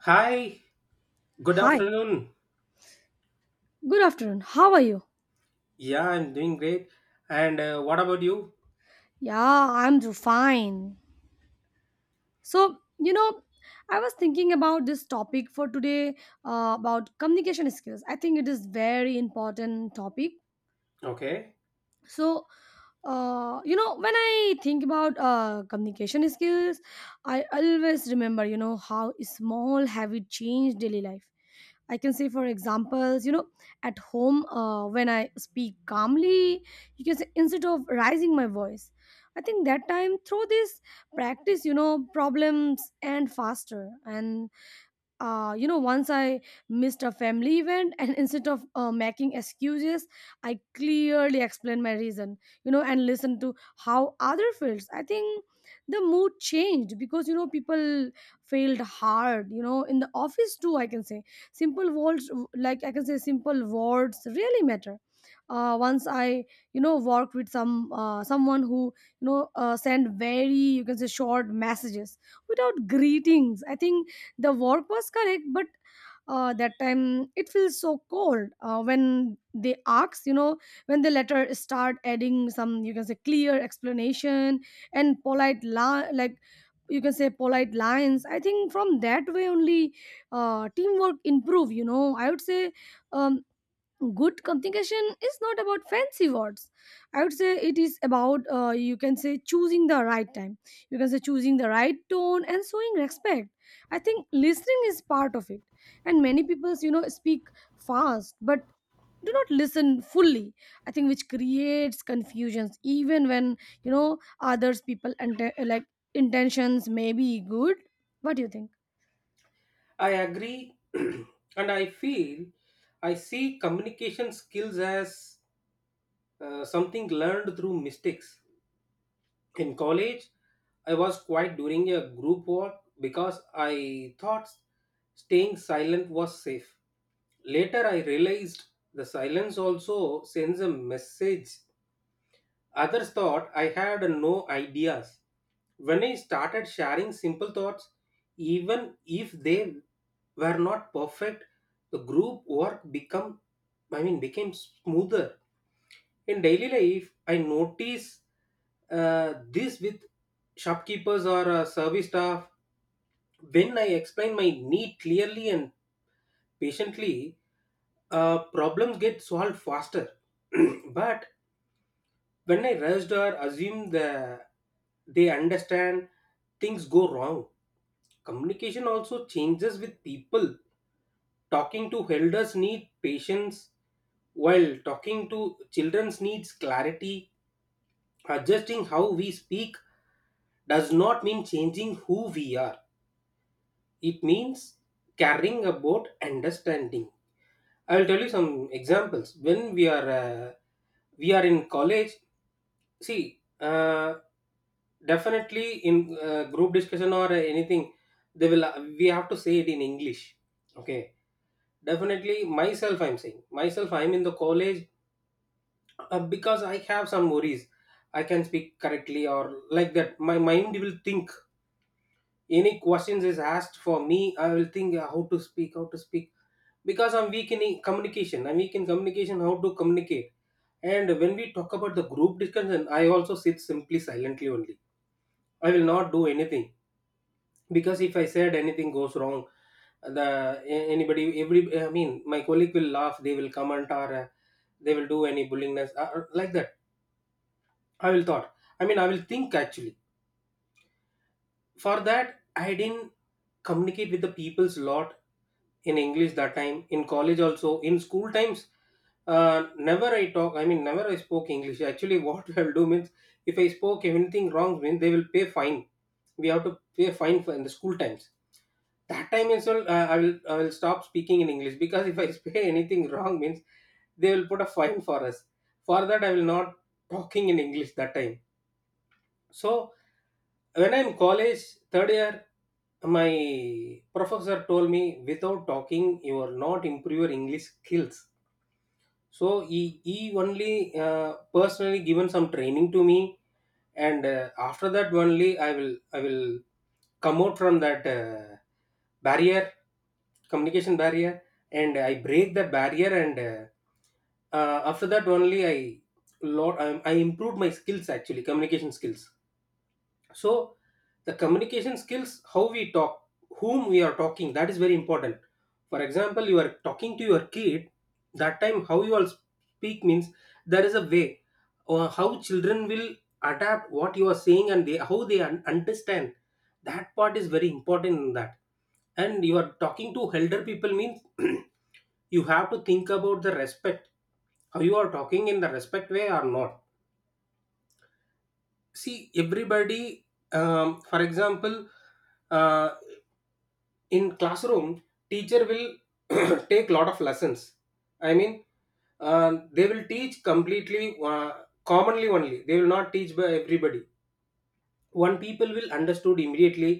Hi, good Hi, afternoon. good afternoon. How are you? Yeah, I'm doing great. And what about you? Yeah, I'm fine. So, you know, I was thinking about this topic for today about communication skills. I think it is very important topic. Okay, So, when I think about communication skills, I always remember, you know, how small have it changed daily life I can say, for examples, you know, at home when I speak calmly, you can say instead of rising my voice. I think that time through this practice, you know, problems and faster. Once I missed a family event, and instead of making excuses, I clearly explained my reason, you know, and listened to how other feels. I think the mood changed because you know people failed hard, you know, in the office too. I can say simple words, like I can say simple words, really matter. Once I, you know, worked with someone who, sent very you can say short messages without greetings. I think the work was correct but that time it feels so cold when they later start adding some you can say clear explanation and like you can say polite lines. I think from that way only teamwork improve, you know, I would say um, good communication is not about fancy words. I would say it is about you can say choosing the right time, you can say choosing the right tone and showing respect. I think listening is part of it, and many people you know speak fast but do not listen fully. I think which creates confusions even when, you know, others people and like intentions may be good. What do you think? I agree. and I feel I see communication skills as something learned through mistakes. In college, I was quiet during a group work because I thought staying silent was safe. Later, I realized the silence also sends a message. Others thought I had no ideas. When I started sharing simple thoughts, even if they were not perfect, the group work become I mean became smoother. In daily life, I notice this with shopkeepers or service staff. When I explain my need clearly and patiently, problems get solved faster. But when I rushed or assume the, they understand, things go wrong. Communication also changes with people. Talking to elders need patience, while talking to children needs clarity. Adjusting how we speak does not mean changing who we are. It means caring about understanding. I'll tell you some examples. When we are We are in college. See, definitely in group discussion or anything, they will. We have to say it in English. Okay. Definitely, myself, I'm saying myself. I'm in the college because I have some worries. I can speak correctly or like that. My mind will think. Any questions is asked for me, I will think how to speak, because I'm weak in communication. I'm weak in communication. How to communicate. And when we talk about the group discussion, I also sit simply silently only. I will not do anything because if I said anything goes wrong, anybody every my colleague will laugh. They will comment or they will do any bullingness like that. I will thought. I will think actually. For that I didn't communicate with the people's lot in English that time in college, also in school times. Never I talk. Never I spoke English. Actually, what I'll do means if I spoke anything wrong, means they will pay fine. We have to pay fine for in the school times. That time as well, I will stop speaking in English, because if I say anything wrong means they will put a fine for us. For that I will not talking in English that time. So when I'm college third year, my professor told me, without talking you are not improve your English skills. So he only uh, personally given some training to me. And after that only I will come out from that barrier, communication barrier. And I break that barrier. And after that only I improved my skills, actually communication skills. So the communication skills, how we talk, whom we are talking, that is very important. For example, you are talking to your kid, that time how you all speak means there is a way, or how children will adapt what you are saying and they how they understand. That part is very important in that. And you are talking to elder people means you have to think about the respect, how you are talking in the respect way or not. See, everybody, for example, uh, in classroom, teacher will take lot of lessons. I mean, they will teach completely, commonly only. They will not teach by everybody. One people will understood immediately,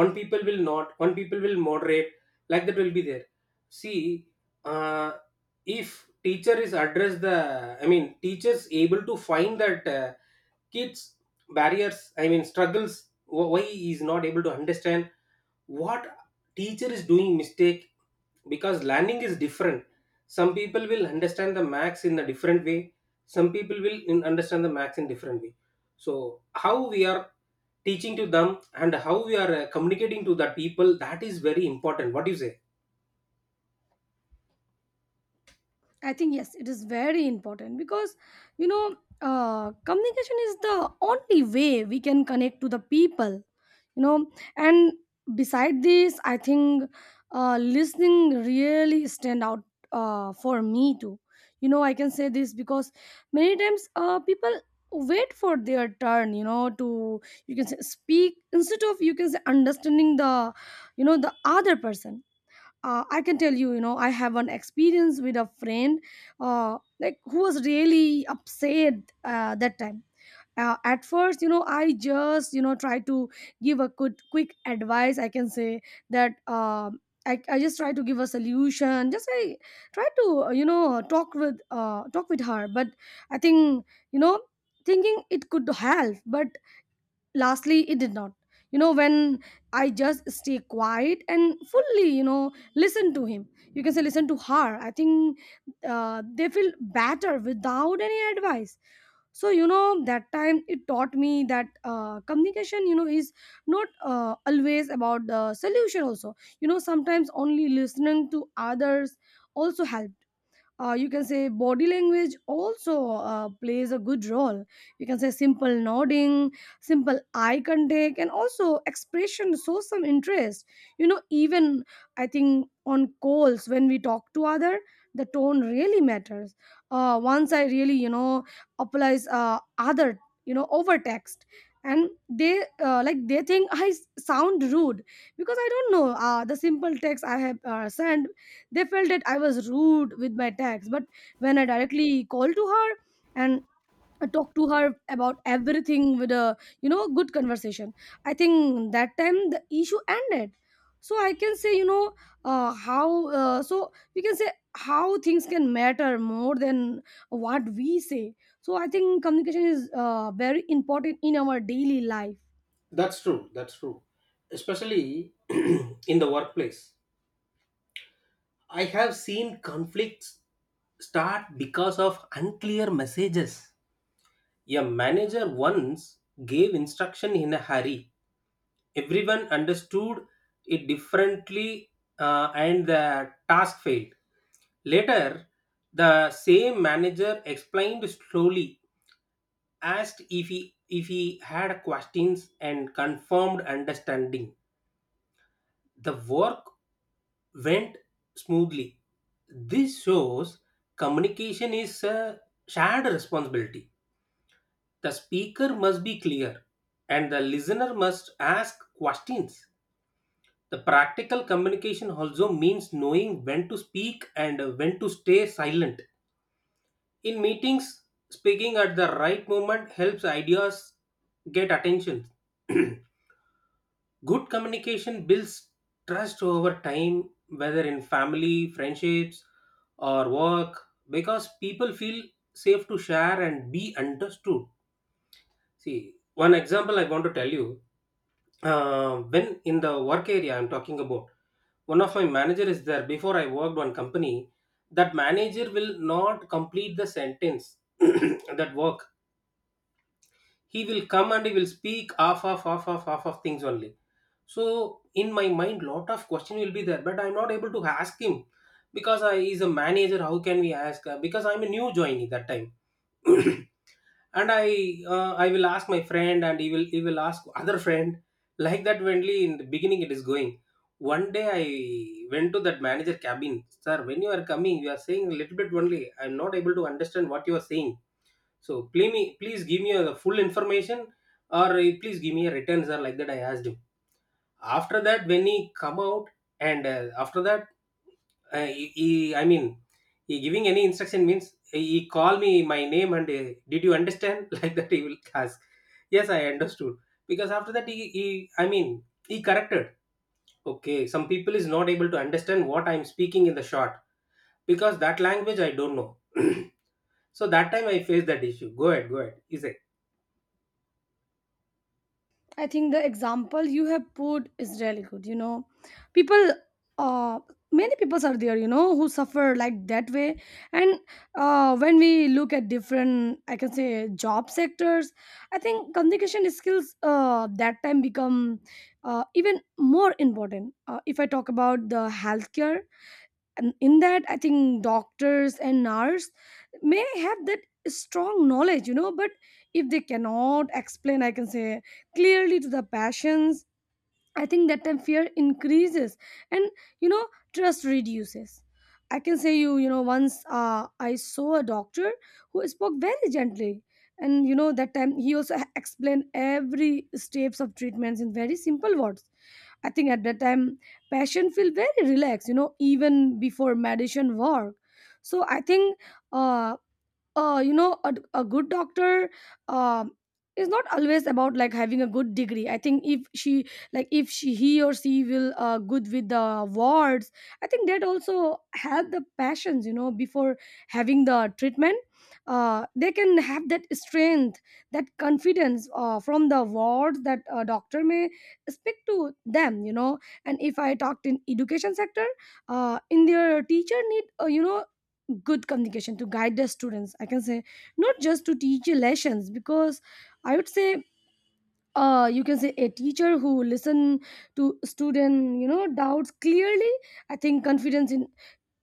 one people will not one people will moderate, like that will be there. See, uh, if teacher is address the, teachers able to find that kids barriers, struggles, why he is not able to understand, what teacher is doing mistake, because learning is different. Some people will understand the max in a different way, some people will understand the max in different way. So how we are teaching to them and how we are communicating to the people, that is very important. What do you say? I think yes, it is very important because you know communication is the only way we can connect to the people. You know, and beside this, I think listening really stand out for me too. You know, I can say this because many times people wait for their turn. You know, to you can say speak instead of you can say understanding the you know the other person. I can tell you, you know, I have an experience with a friend like who was really upset that time. At first, you know, I just you know try to give a good quick advice. I can say that I just try to give a solution. Just I try to talk with her but I think, you know, thinking it could help but lastly it did not. You know, when I just stay quiet and fully you know listen to him, you can say listen to her, I think they feel better without any advice. So you know that time it taught me that communication you know is not always about the solution also. You know, sometimes only listening to others also helps. You can say body language also plays a good role. You can say simple nodding, simple eye contact and also expression shows some interest. You know, even I think on calls when we talk to other, the tone really matters. Once I really, you know, applies other you know over text, and they like they think sound rude because I don't know the simple text I have sent. They felt that I was rude with my tax, but when I directly called to her and I talked to her about everything with a you know good conversation, I think that time the issue ended. So I can say, you know, how so we can say how things can matter more than what we say. So I think communication is very important in our daily life. That's true. That's true. Especially in the workplace. I have seen conflicts start because of unclear messages. A manager once gave instruction in a hurry. Everyone understood it differently, and the task failed. Later, the same manager explained slowly, asked if he had questions, and confirmed understanding. The work went smoothly. This shows communication is a shared responsibility. The speaker must be clear and the listener must ask questions. The practical communication also means knowing when to speak and when to stay silent. In meetings, speaking at the right moment helps ideas get attention. Good communication builds trust over time, whether in family, friendships, or work, because people feel safe to share and be understood. See, one example I want to tell you. When in the work area I'm talking about, one of my manager is there. Before I worked one company, that manager will not complete the sentence. That work, he will come and he will speak half of things only. So in my mind lot of question will be there, but I'm not able to ask him because I is a manager, how can we ask? Because I'm a new joinee that time. And I will ask my friend, and he will ask other friend. Like that only, in the beginning it is going. One day I went to that manager cabin. Sir, when you are coming, you are saying a little bit only. I'm not able to understand what you are saying. So please give me the full information, or please give me a returns sir. Like that, I asked him. After that, when he come out, and after that, uh, he, he- I mean, he giving any instruction means he call me my name and, did you understand? Like that, he will ask. Yes, I understood. Because after that, he corrected. Okay, some people is not able to understand what I am speaking in the short, because that language I don't know. So that time I faced that issue. Go ahead, go ahead. Is said. I think the example you have put is really good. You know, people, uh, many people are there, you know, who suffer like that way. And when we look at different, I can say, job sectors, I think communication skills that time become even more important. If I talk about the healthcare, and in that I think doctors and nurse may have that strong knowledge, you know, but if they cannot explain, I can say, clearly to the patients, I think that time fear increases, and, you know, trust reduces. I can say you, you know, once I saw a doctor who spoke very gently, and you know that time he also explained every steps of treatments in very simple words. I think at that time passion feel very relaxed, you know, even before medicine work. So I think uh, you know a, good doctor um is not always about like having a good degree. I think if she like if she he or she will good with the wards, I think that also help the patients. You know, before having the treatment, they can have that strength, that confidence from the wards that a doctor may speak to them, you know. And if I talked in education sector, in their teacher need you know good communication to guide the students. I can say not just to teach your lessons because I would say you can say a teacher who listen to student you know doubts clearly, I think confidence in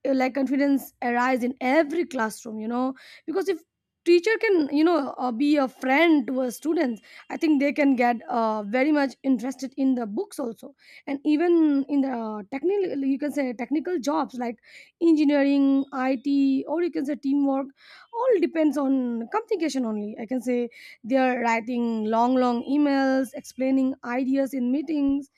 confidence arise in every classroom. You know, because if teacher can you know be a friend to a students, I think they can get very much interested in the books also. And even in the technical you can say technical jobs like engineering, it, or you can say teamwork, all depends on communication only, I can say. They are writing long long emails, explaining ideas in meetings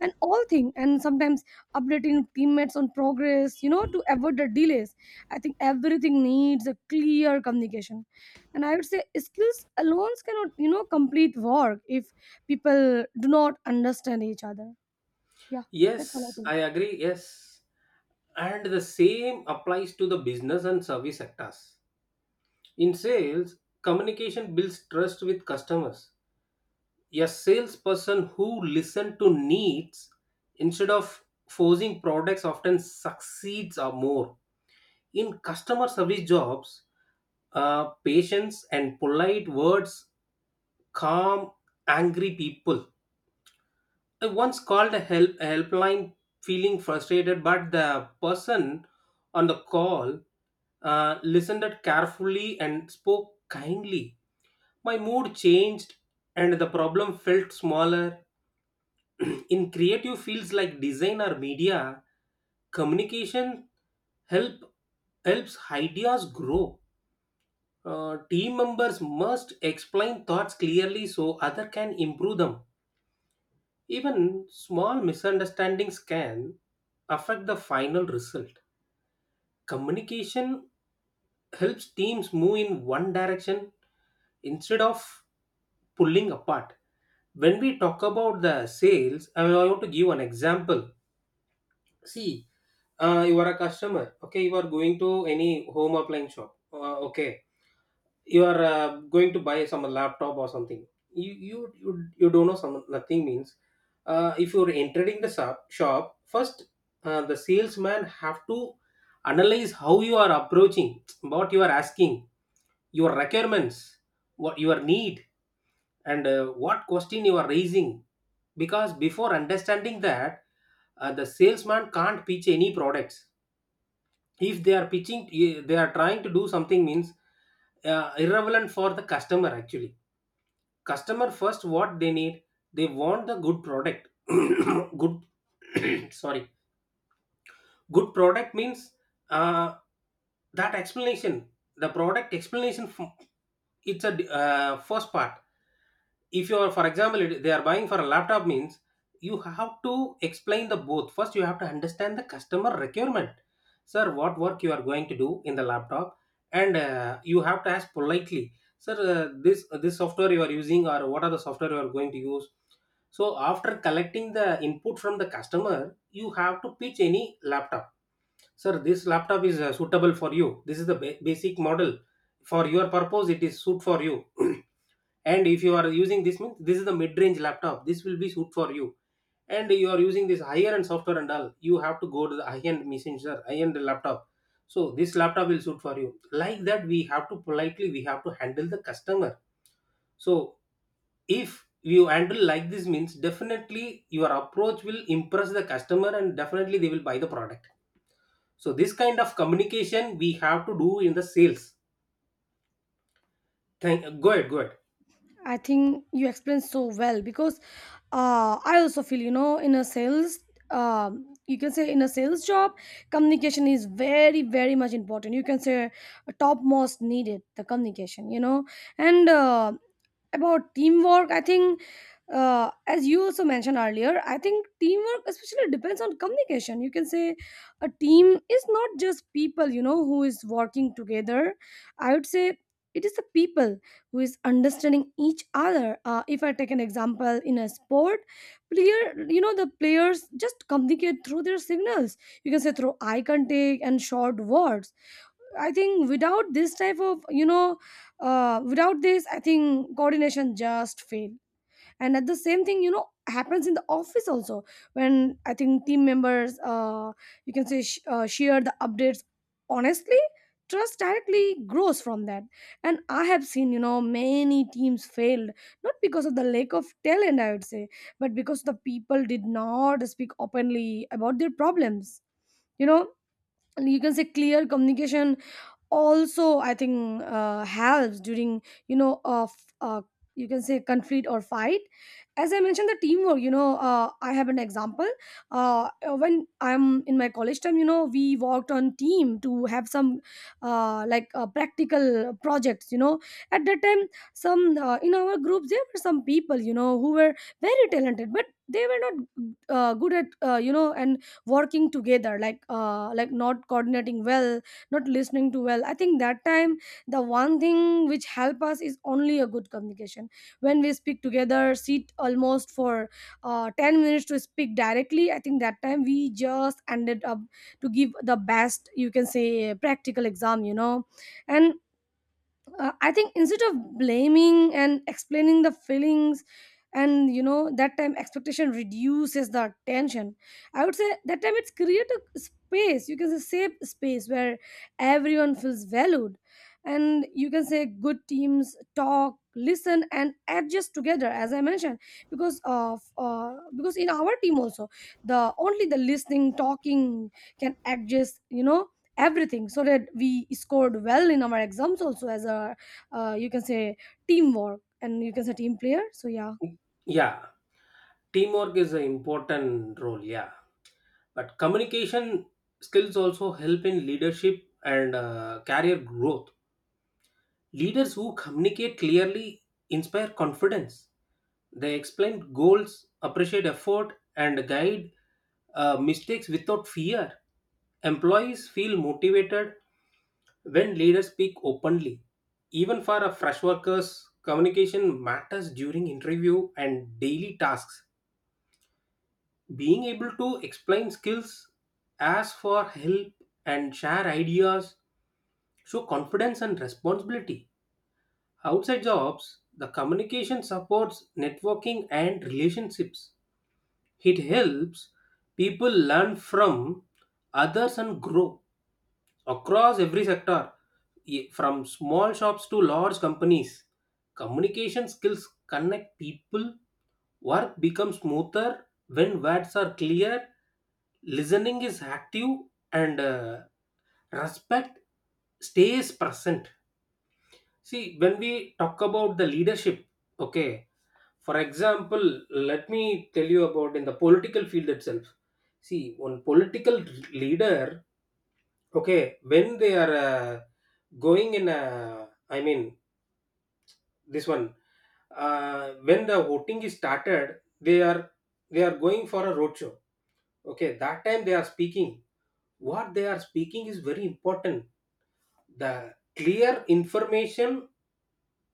and all thing, and sometimes updating teammates on progress, you know, to avoid the delays. I think everything needs a clear communication. And I would say skills alone cannot, you know, complete work if people do not understand each other. Yeah, that's all I Yes, think. I agree. Yes. And the same applies to the business and service sectors. In sales, communication builds trust with customers. A salesperson who listens to needs instead of forcing products often succeeds or more. In customer service jobs, patience and polite words calm angry people. I once called a helpline feeling frustrated, but the person on the call listened carefully and spoke kindly. My mood changed, and the problem felt smaller. In creative fields like design or media, communication help helps ideas grow. Team members must explain thoughts clearly so other can improve them. Even small misunderstandings can affect the final result. Communication helps teams move in one direction instead of pulling apart. When we talk about the sales, I want to give an example. See, you are a customer, okay, you are going to any home appliance shop, okay, you are going to buy some laptop or something. You don't know some nothing means, if you're entering the shop first, the salesman have to analyze how you are approaching, what you are asking, your requirements, what your need, and what question you are raising. Because before understanding that, the salesman can't pitch any products. If they are pitching, they are trying to do something means irrelevant for the customer. Actually customer first what they need, they want the good product good sorry, good product means uh, that explanation, the product explanation it's first part. If you are, for example they are buying for a laptop means, you have to explain the both. First you have to understand the customer requirement. Sir, what work you are going to do in the laptop? And you have to ask politely, sir, this software you are using, or what are the software you are going to use? So after collecting the input from the customer, you have to pitch any laptop. Sir, this laptop is suitable for you, this is the basic model, for your purpose it is suit for you. And if you are using this means, this is the mid-range laptop, this will be suit for you. And you are using this higher end software and all, you have to go to the high-end machine, sir, high-end laptop. So this laptop will suit for you. Like that, we have to politely, we have to handle the customer. So if you handle like this means, definitely your approach will impress the customer, and definitely they will buy the product. So this kind of communication we have to do in the sales. Thank Go ahead, go ahead. I think you explained so well because I also feel you know in a sales you can say in a sales job communication is very very much important. You can say topmost needed the communication, you know. And about teamwork, I think as you also mentioned earlier, I think teamwork especially depends on communication. You can say a team is not just people, you know, who is working together. I would say it is the people who is understanding each other. If I take an example in a sport player, you know, the players just communicate through their signals, you can say through eye contact and short words. I think without this type of, without this I think coordination just fail. And at the same thing you know happens in the office also when I think team members you can say sh- share the updates honestly, trust directly grows from that. And I have seen, you know, many teams failed not because of the lack of talent, I would say, but because the people did not speak openly about their problems, you know. You can say clear communication also, I think helps during you know of uh, you can say conflict or fight. As I mentioned the teamwork, you know, I have an example. uh, when I'm in my college time, you know, we worked on team to have some practical projects, you know. At that time, some in our group there were some people, you know, who were very talented but they were not good at you know and working together, like not coordinating well, not listening to well. I think that time the one thing which help us is only a good communication. When we speak together, sit almost for 10 minutes to speak directly, I think that time we just ended up to give the best, you can say, practical exam, you know. And I think instead of blaming and explaining the feelings and you know that time expectation reduces the tension. I would say that time it's create a space, you can say, safe space where everyone feels valued. And you can say good teams talk, listen and adjust together. As I mentioned, because in our team also, the only the listening talking can adjust, you know, everything, so that we scored well in our exams also as a you can say teamwork and you can say team player. So yeah, Yeah, teamwork is an important role. Yeah, but communication skills also help in leadership and career growth. Leaders who communicate clearly inspire confidence. They explain goals, appreciate effort, and guide mistakes without fear. Employees feel motivated when leaders speak openly. Even for a fresh workers, communication matters during interview and daily tasks. Being able to explain skills, ask for help, and share ideas show confidence and responsibility. Outside jobs, the communication supports networking and relationships. It helps people learn from others and grow across every sector, from small shops to large companies. Communication skills connect people. Work becomes smoother when words are clear, listening is active, and respect stays present. See, when we talk about the leadership, okay, for example, let me tell you about in the political field itself. See, one political leader. Okay, when they are going in, I mean, this one, when the voting is started, they are going for a roadshow. Okay, that time they are speaking. What they are speaking is very important. The clear information,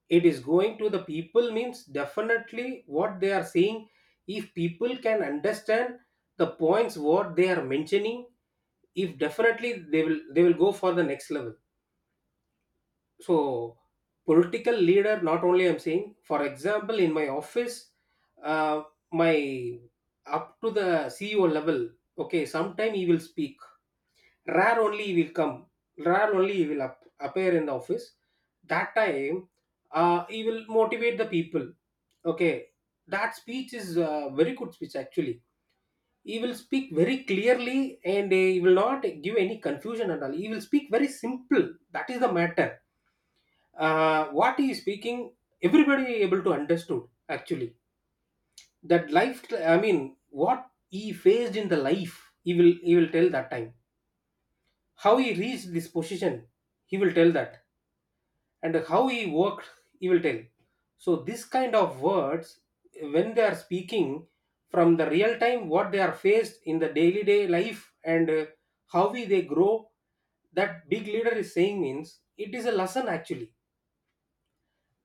it is going to the people means definitely what they are saying. If people can understand the points what they are mentioning, if definitely they will go for the next level. So, political leader, not only I'm saying, for example, in my office, uh, my up to the CEO level, okay, sometime he will speak. Rare only he will come. Rare only he will up, appear in the office. That time, he will motivate the people. Okay, that speech is a very good speech actually. He will speak very clearly and he will not give any confusion at all. He will speak very simple. That is the matter. What he is speaking, everybody able to understood actually. That life, I mean, what he faced in the life, he will tell that time how he reached this position. He will tell that, and how he worked, he will tell. So this kind of words, when they are speaking from the real time, what they are faced in the daily day life, and how we they grow, that big leader is saying means it is a lesson actually.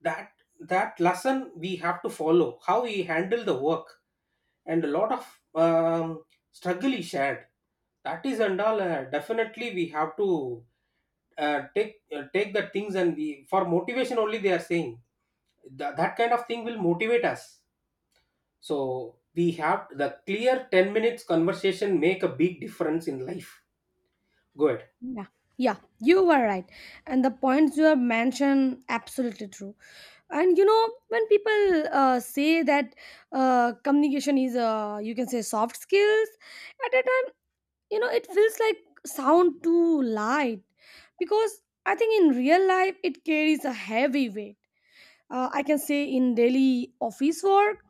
That that lesson we have to follow how he handled the work. And a lot of um, struggle he shared. That is and all, definitely we have to take the things and we for motivation only they are saying. That kind of thing will motivate us. So we have the clear 10 minutes conversation make a big difference in life. Good. yeah, yeah, you were right, and the points you have mentioned absolutely true. And you know when people say that communication is you can say soft skills at a time, you know it feels like sound too light because I think in real life it carries a heavy weight. I can say in daily office work,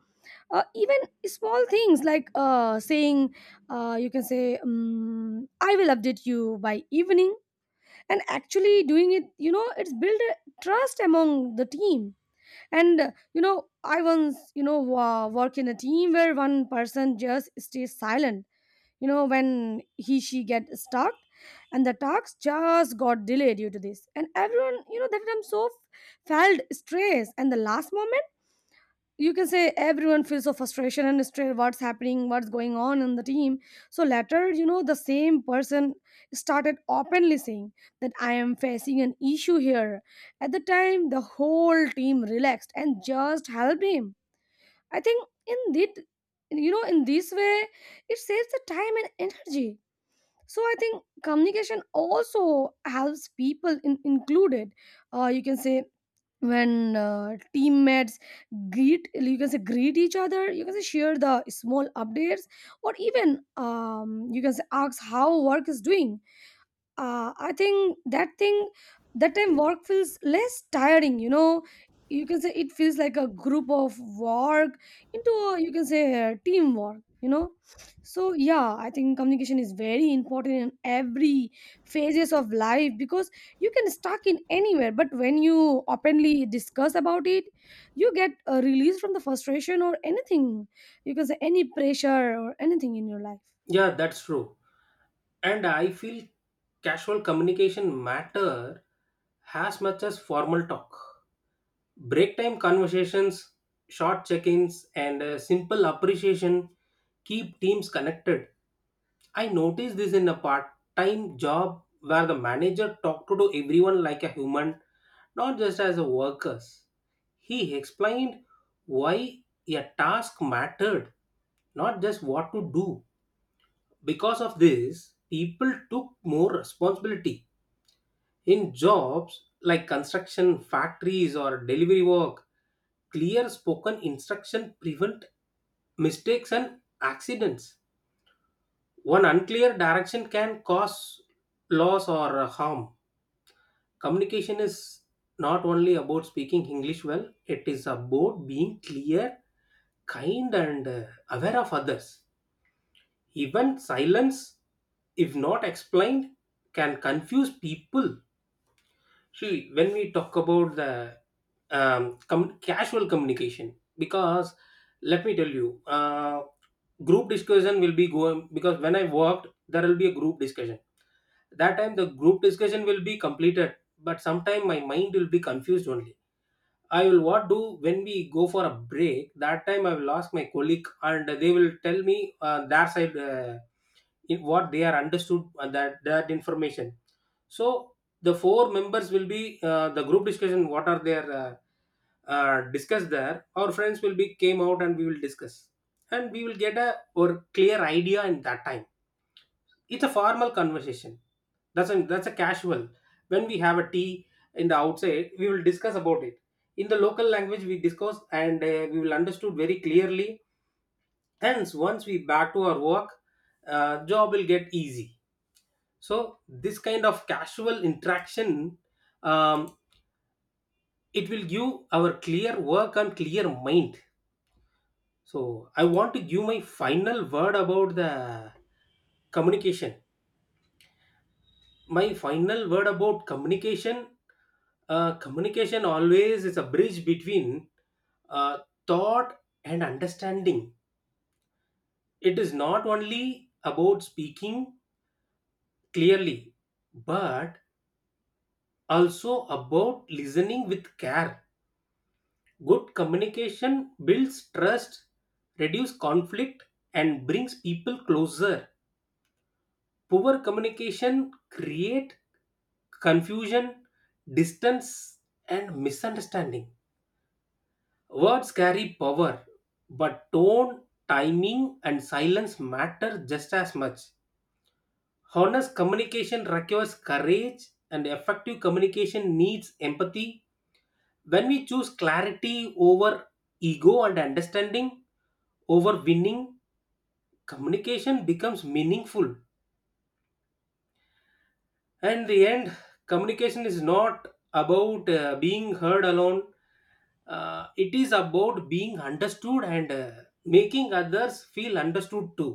even small things like saying you can say I will update you by evening and actually doing it, you know, it's build a trust among the team. And you know, I once, you know, work in a team where one person just stays silent, you know. When he she get stuck and the talks just got delayed due to this, and everyone, you know, that time so felt stress, and the last moment, you can say everyone feels of frustration and stress, what's happening, what's going on in the team. So later, you know, the same person started openly saying that I am facing an issue here. At the time the whole team relaxed and just helped him. I think in that, you know, in this way it saves the time and energy. So I think communication also helps people in, included. You can say when teammates greet, you can say greet each other, you can say share the small updates, or even you can say ask how work is doing. I think that thing, that time work feels less tiring. You know, you can say it feels like a group of work into a, you can say a teamwork. You know, so yeah, I think communication is very important in every phases of life because you can stuck in anywhere. But when you openly discuss about it, you get a release from the frustration or anything. You can say any pressure or anything in your life. Yeah, that's true. And I feel casual communication matter as much as formal talk. Break time conversations, short check-ins, and simple appreciation keep teams connected. I noticed this in a part-time job where the manager talked to everyone like a human, not just as a workers. He explained why a task mattered, not just what to do. Because of this, people took more responsibility in jobs like construction, factories, or delivery work. Clear spoken instruction prevent mistakes and accidents. One unclear direction can cause loss or harm. Communication is not only about speaking English well. It is about being clear, kind, and aware of others. Even silence, if not explained, can confuse people. See, when we talk about the casual communication, because let me tell you, group discussion will be going because when I worked, there will be a group discussion. That time the group discussion will be completed, but sometime my mind will be confused only. I will what do when we go for a break. That time I will ask my colleague, and they will tell me their side. In what they are understood, that that information. So the four members will be, the group discussion what are their discussed there, our friends will be came out and we will discuss, and we will get a or clear idea. In that time it's a formal conversation. That's a, that's a casual. When we have a tea in the outside, we will discuss about it in the local language. We discuss and we will understood very clearly. Hence once we back to our work, job will get easy. So this kind of casual interaction, um, it will give our clear work and clear mind. So I want to give my final word about the communication. My final word about communication: communication always is a bridge between uh, thought and understanding. It is not only about speaking clearly, but also about listening with care. Good communication builds trust, reduces conflict, and brings people closer. Poor communication creates confusion, distance, and misunderstanding. Words carry power, but tone, timing, and silence matter just as much. Honest communication requires courage, and effective communication needs empathy. When we choose clarity over ego and understanding over winning, communication becomes meaningful. And the end, communication is not about being heard alone. It is about being understood and making others feel understood too.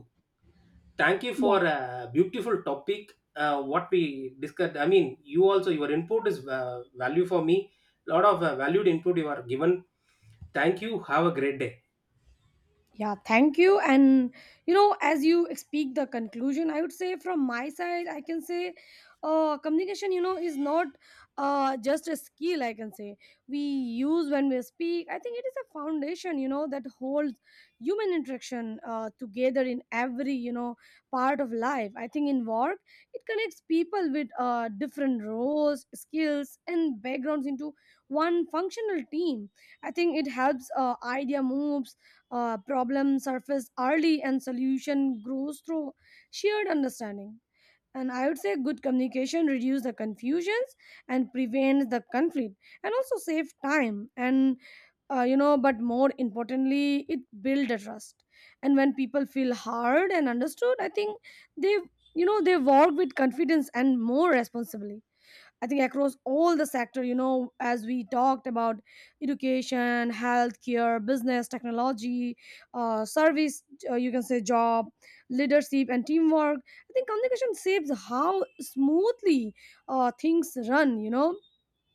Thank you Yeah. for a beautiful topic. What we discussed, I mean, you also, your input is value for me. Lot of valued input you are given. Thank you, have a great day. Yeah, thank you. And you know, as you speak the conclusion, I would say from my side, I can say communication, you know, is not just a skill, I can say. We use when we speak. I think it is a foundation, you know, that holds human interaction together in every, you know, part of life. I think in work, it connects people with different roles, skills, and backgrounds into one functional team. I think it helps idea moves, problem surface early and solution grows through shared understanding. And I would say good communication reduce the confusions and prevent the conflict and also save time. And you know, but more importantly, it build the trust. And when people feel heard and understood, I think they, you know, they work with confidence and more responsibly. I think across all the sector, you know, as we talked about education, healthcare, business, technology, service, you can say job, leadership, and teamwork. I think communication shapes how smoothly things run, you know,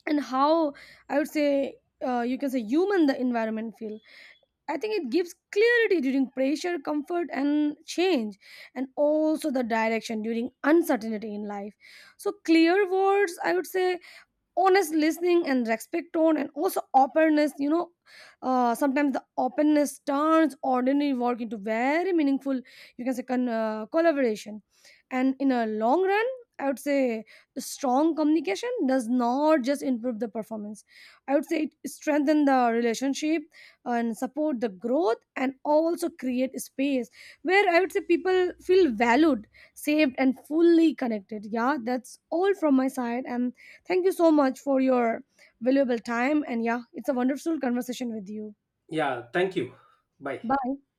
and how, I would say, you can say human the environment feel. I think it gives clarity during pressure, comfort, and change, and also the direction during uncertainty in life. So clear words, I would say, honest listening and respect tone and also openness, you know. Sometimes the openness turns ordinary work into very meaningful, you can say, collaboration. And in a long run, I would say strong communication does not just improve the performance. I would say it strengthens the relationship and support the growth and also create space where, I would say, people feel valued, saved and fully connected. Yeah, that's all from my side. And thank you so much for your valuable time. And yeah, it's a wonderful conversation with you. Yeah, thank you. Bye. Bye.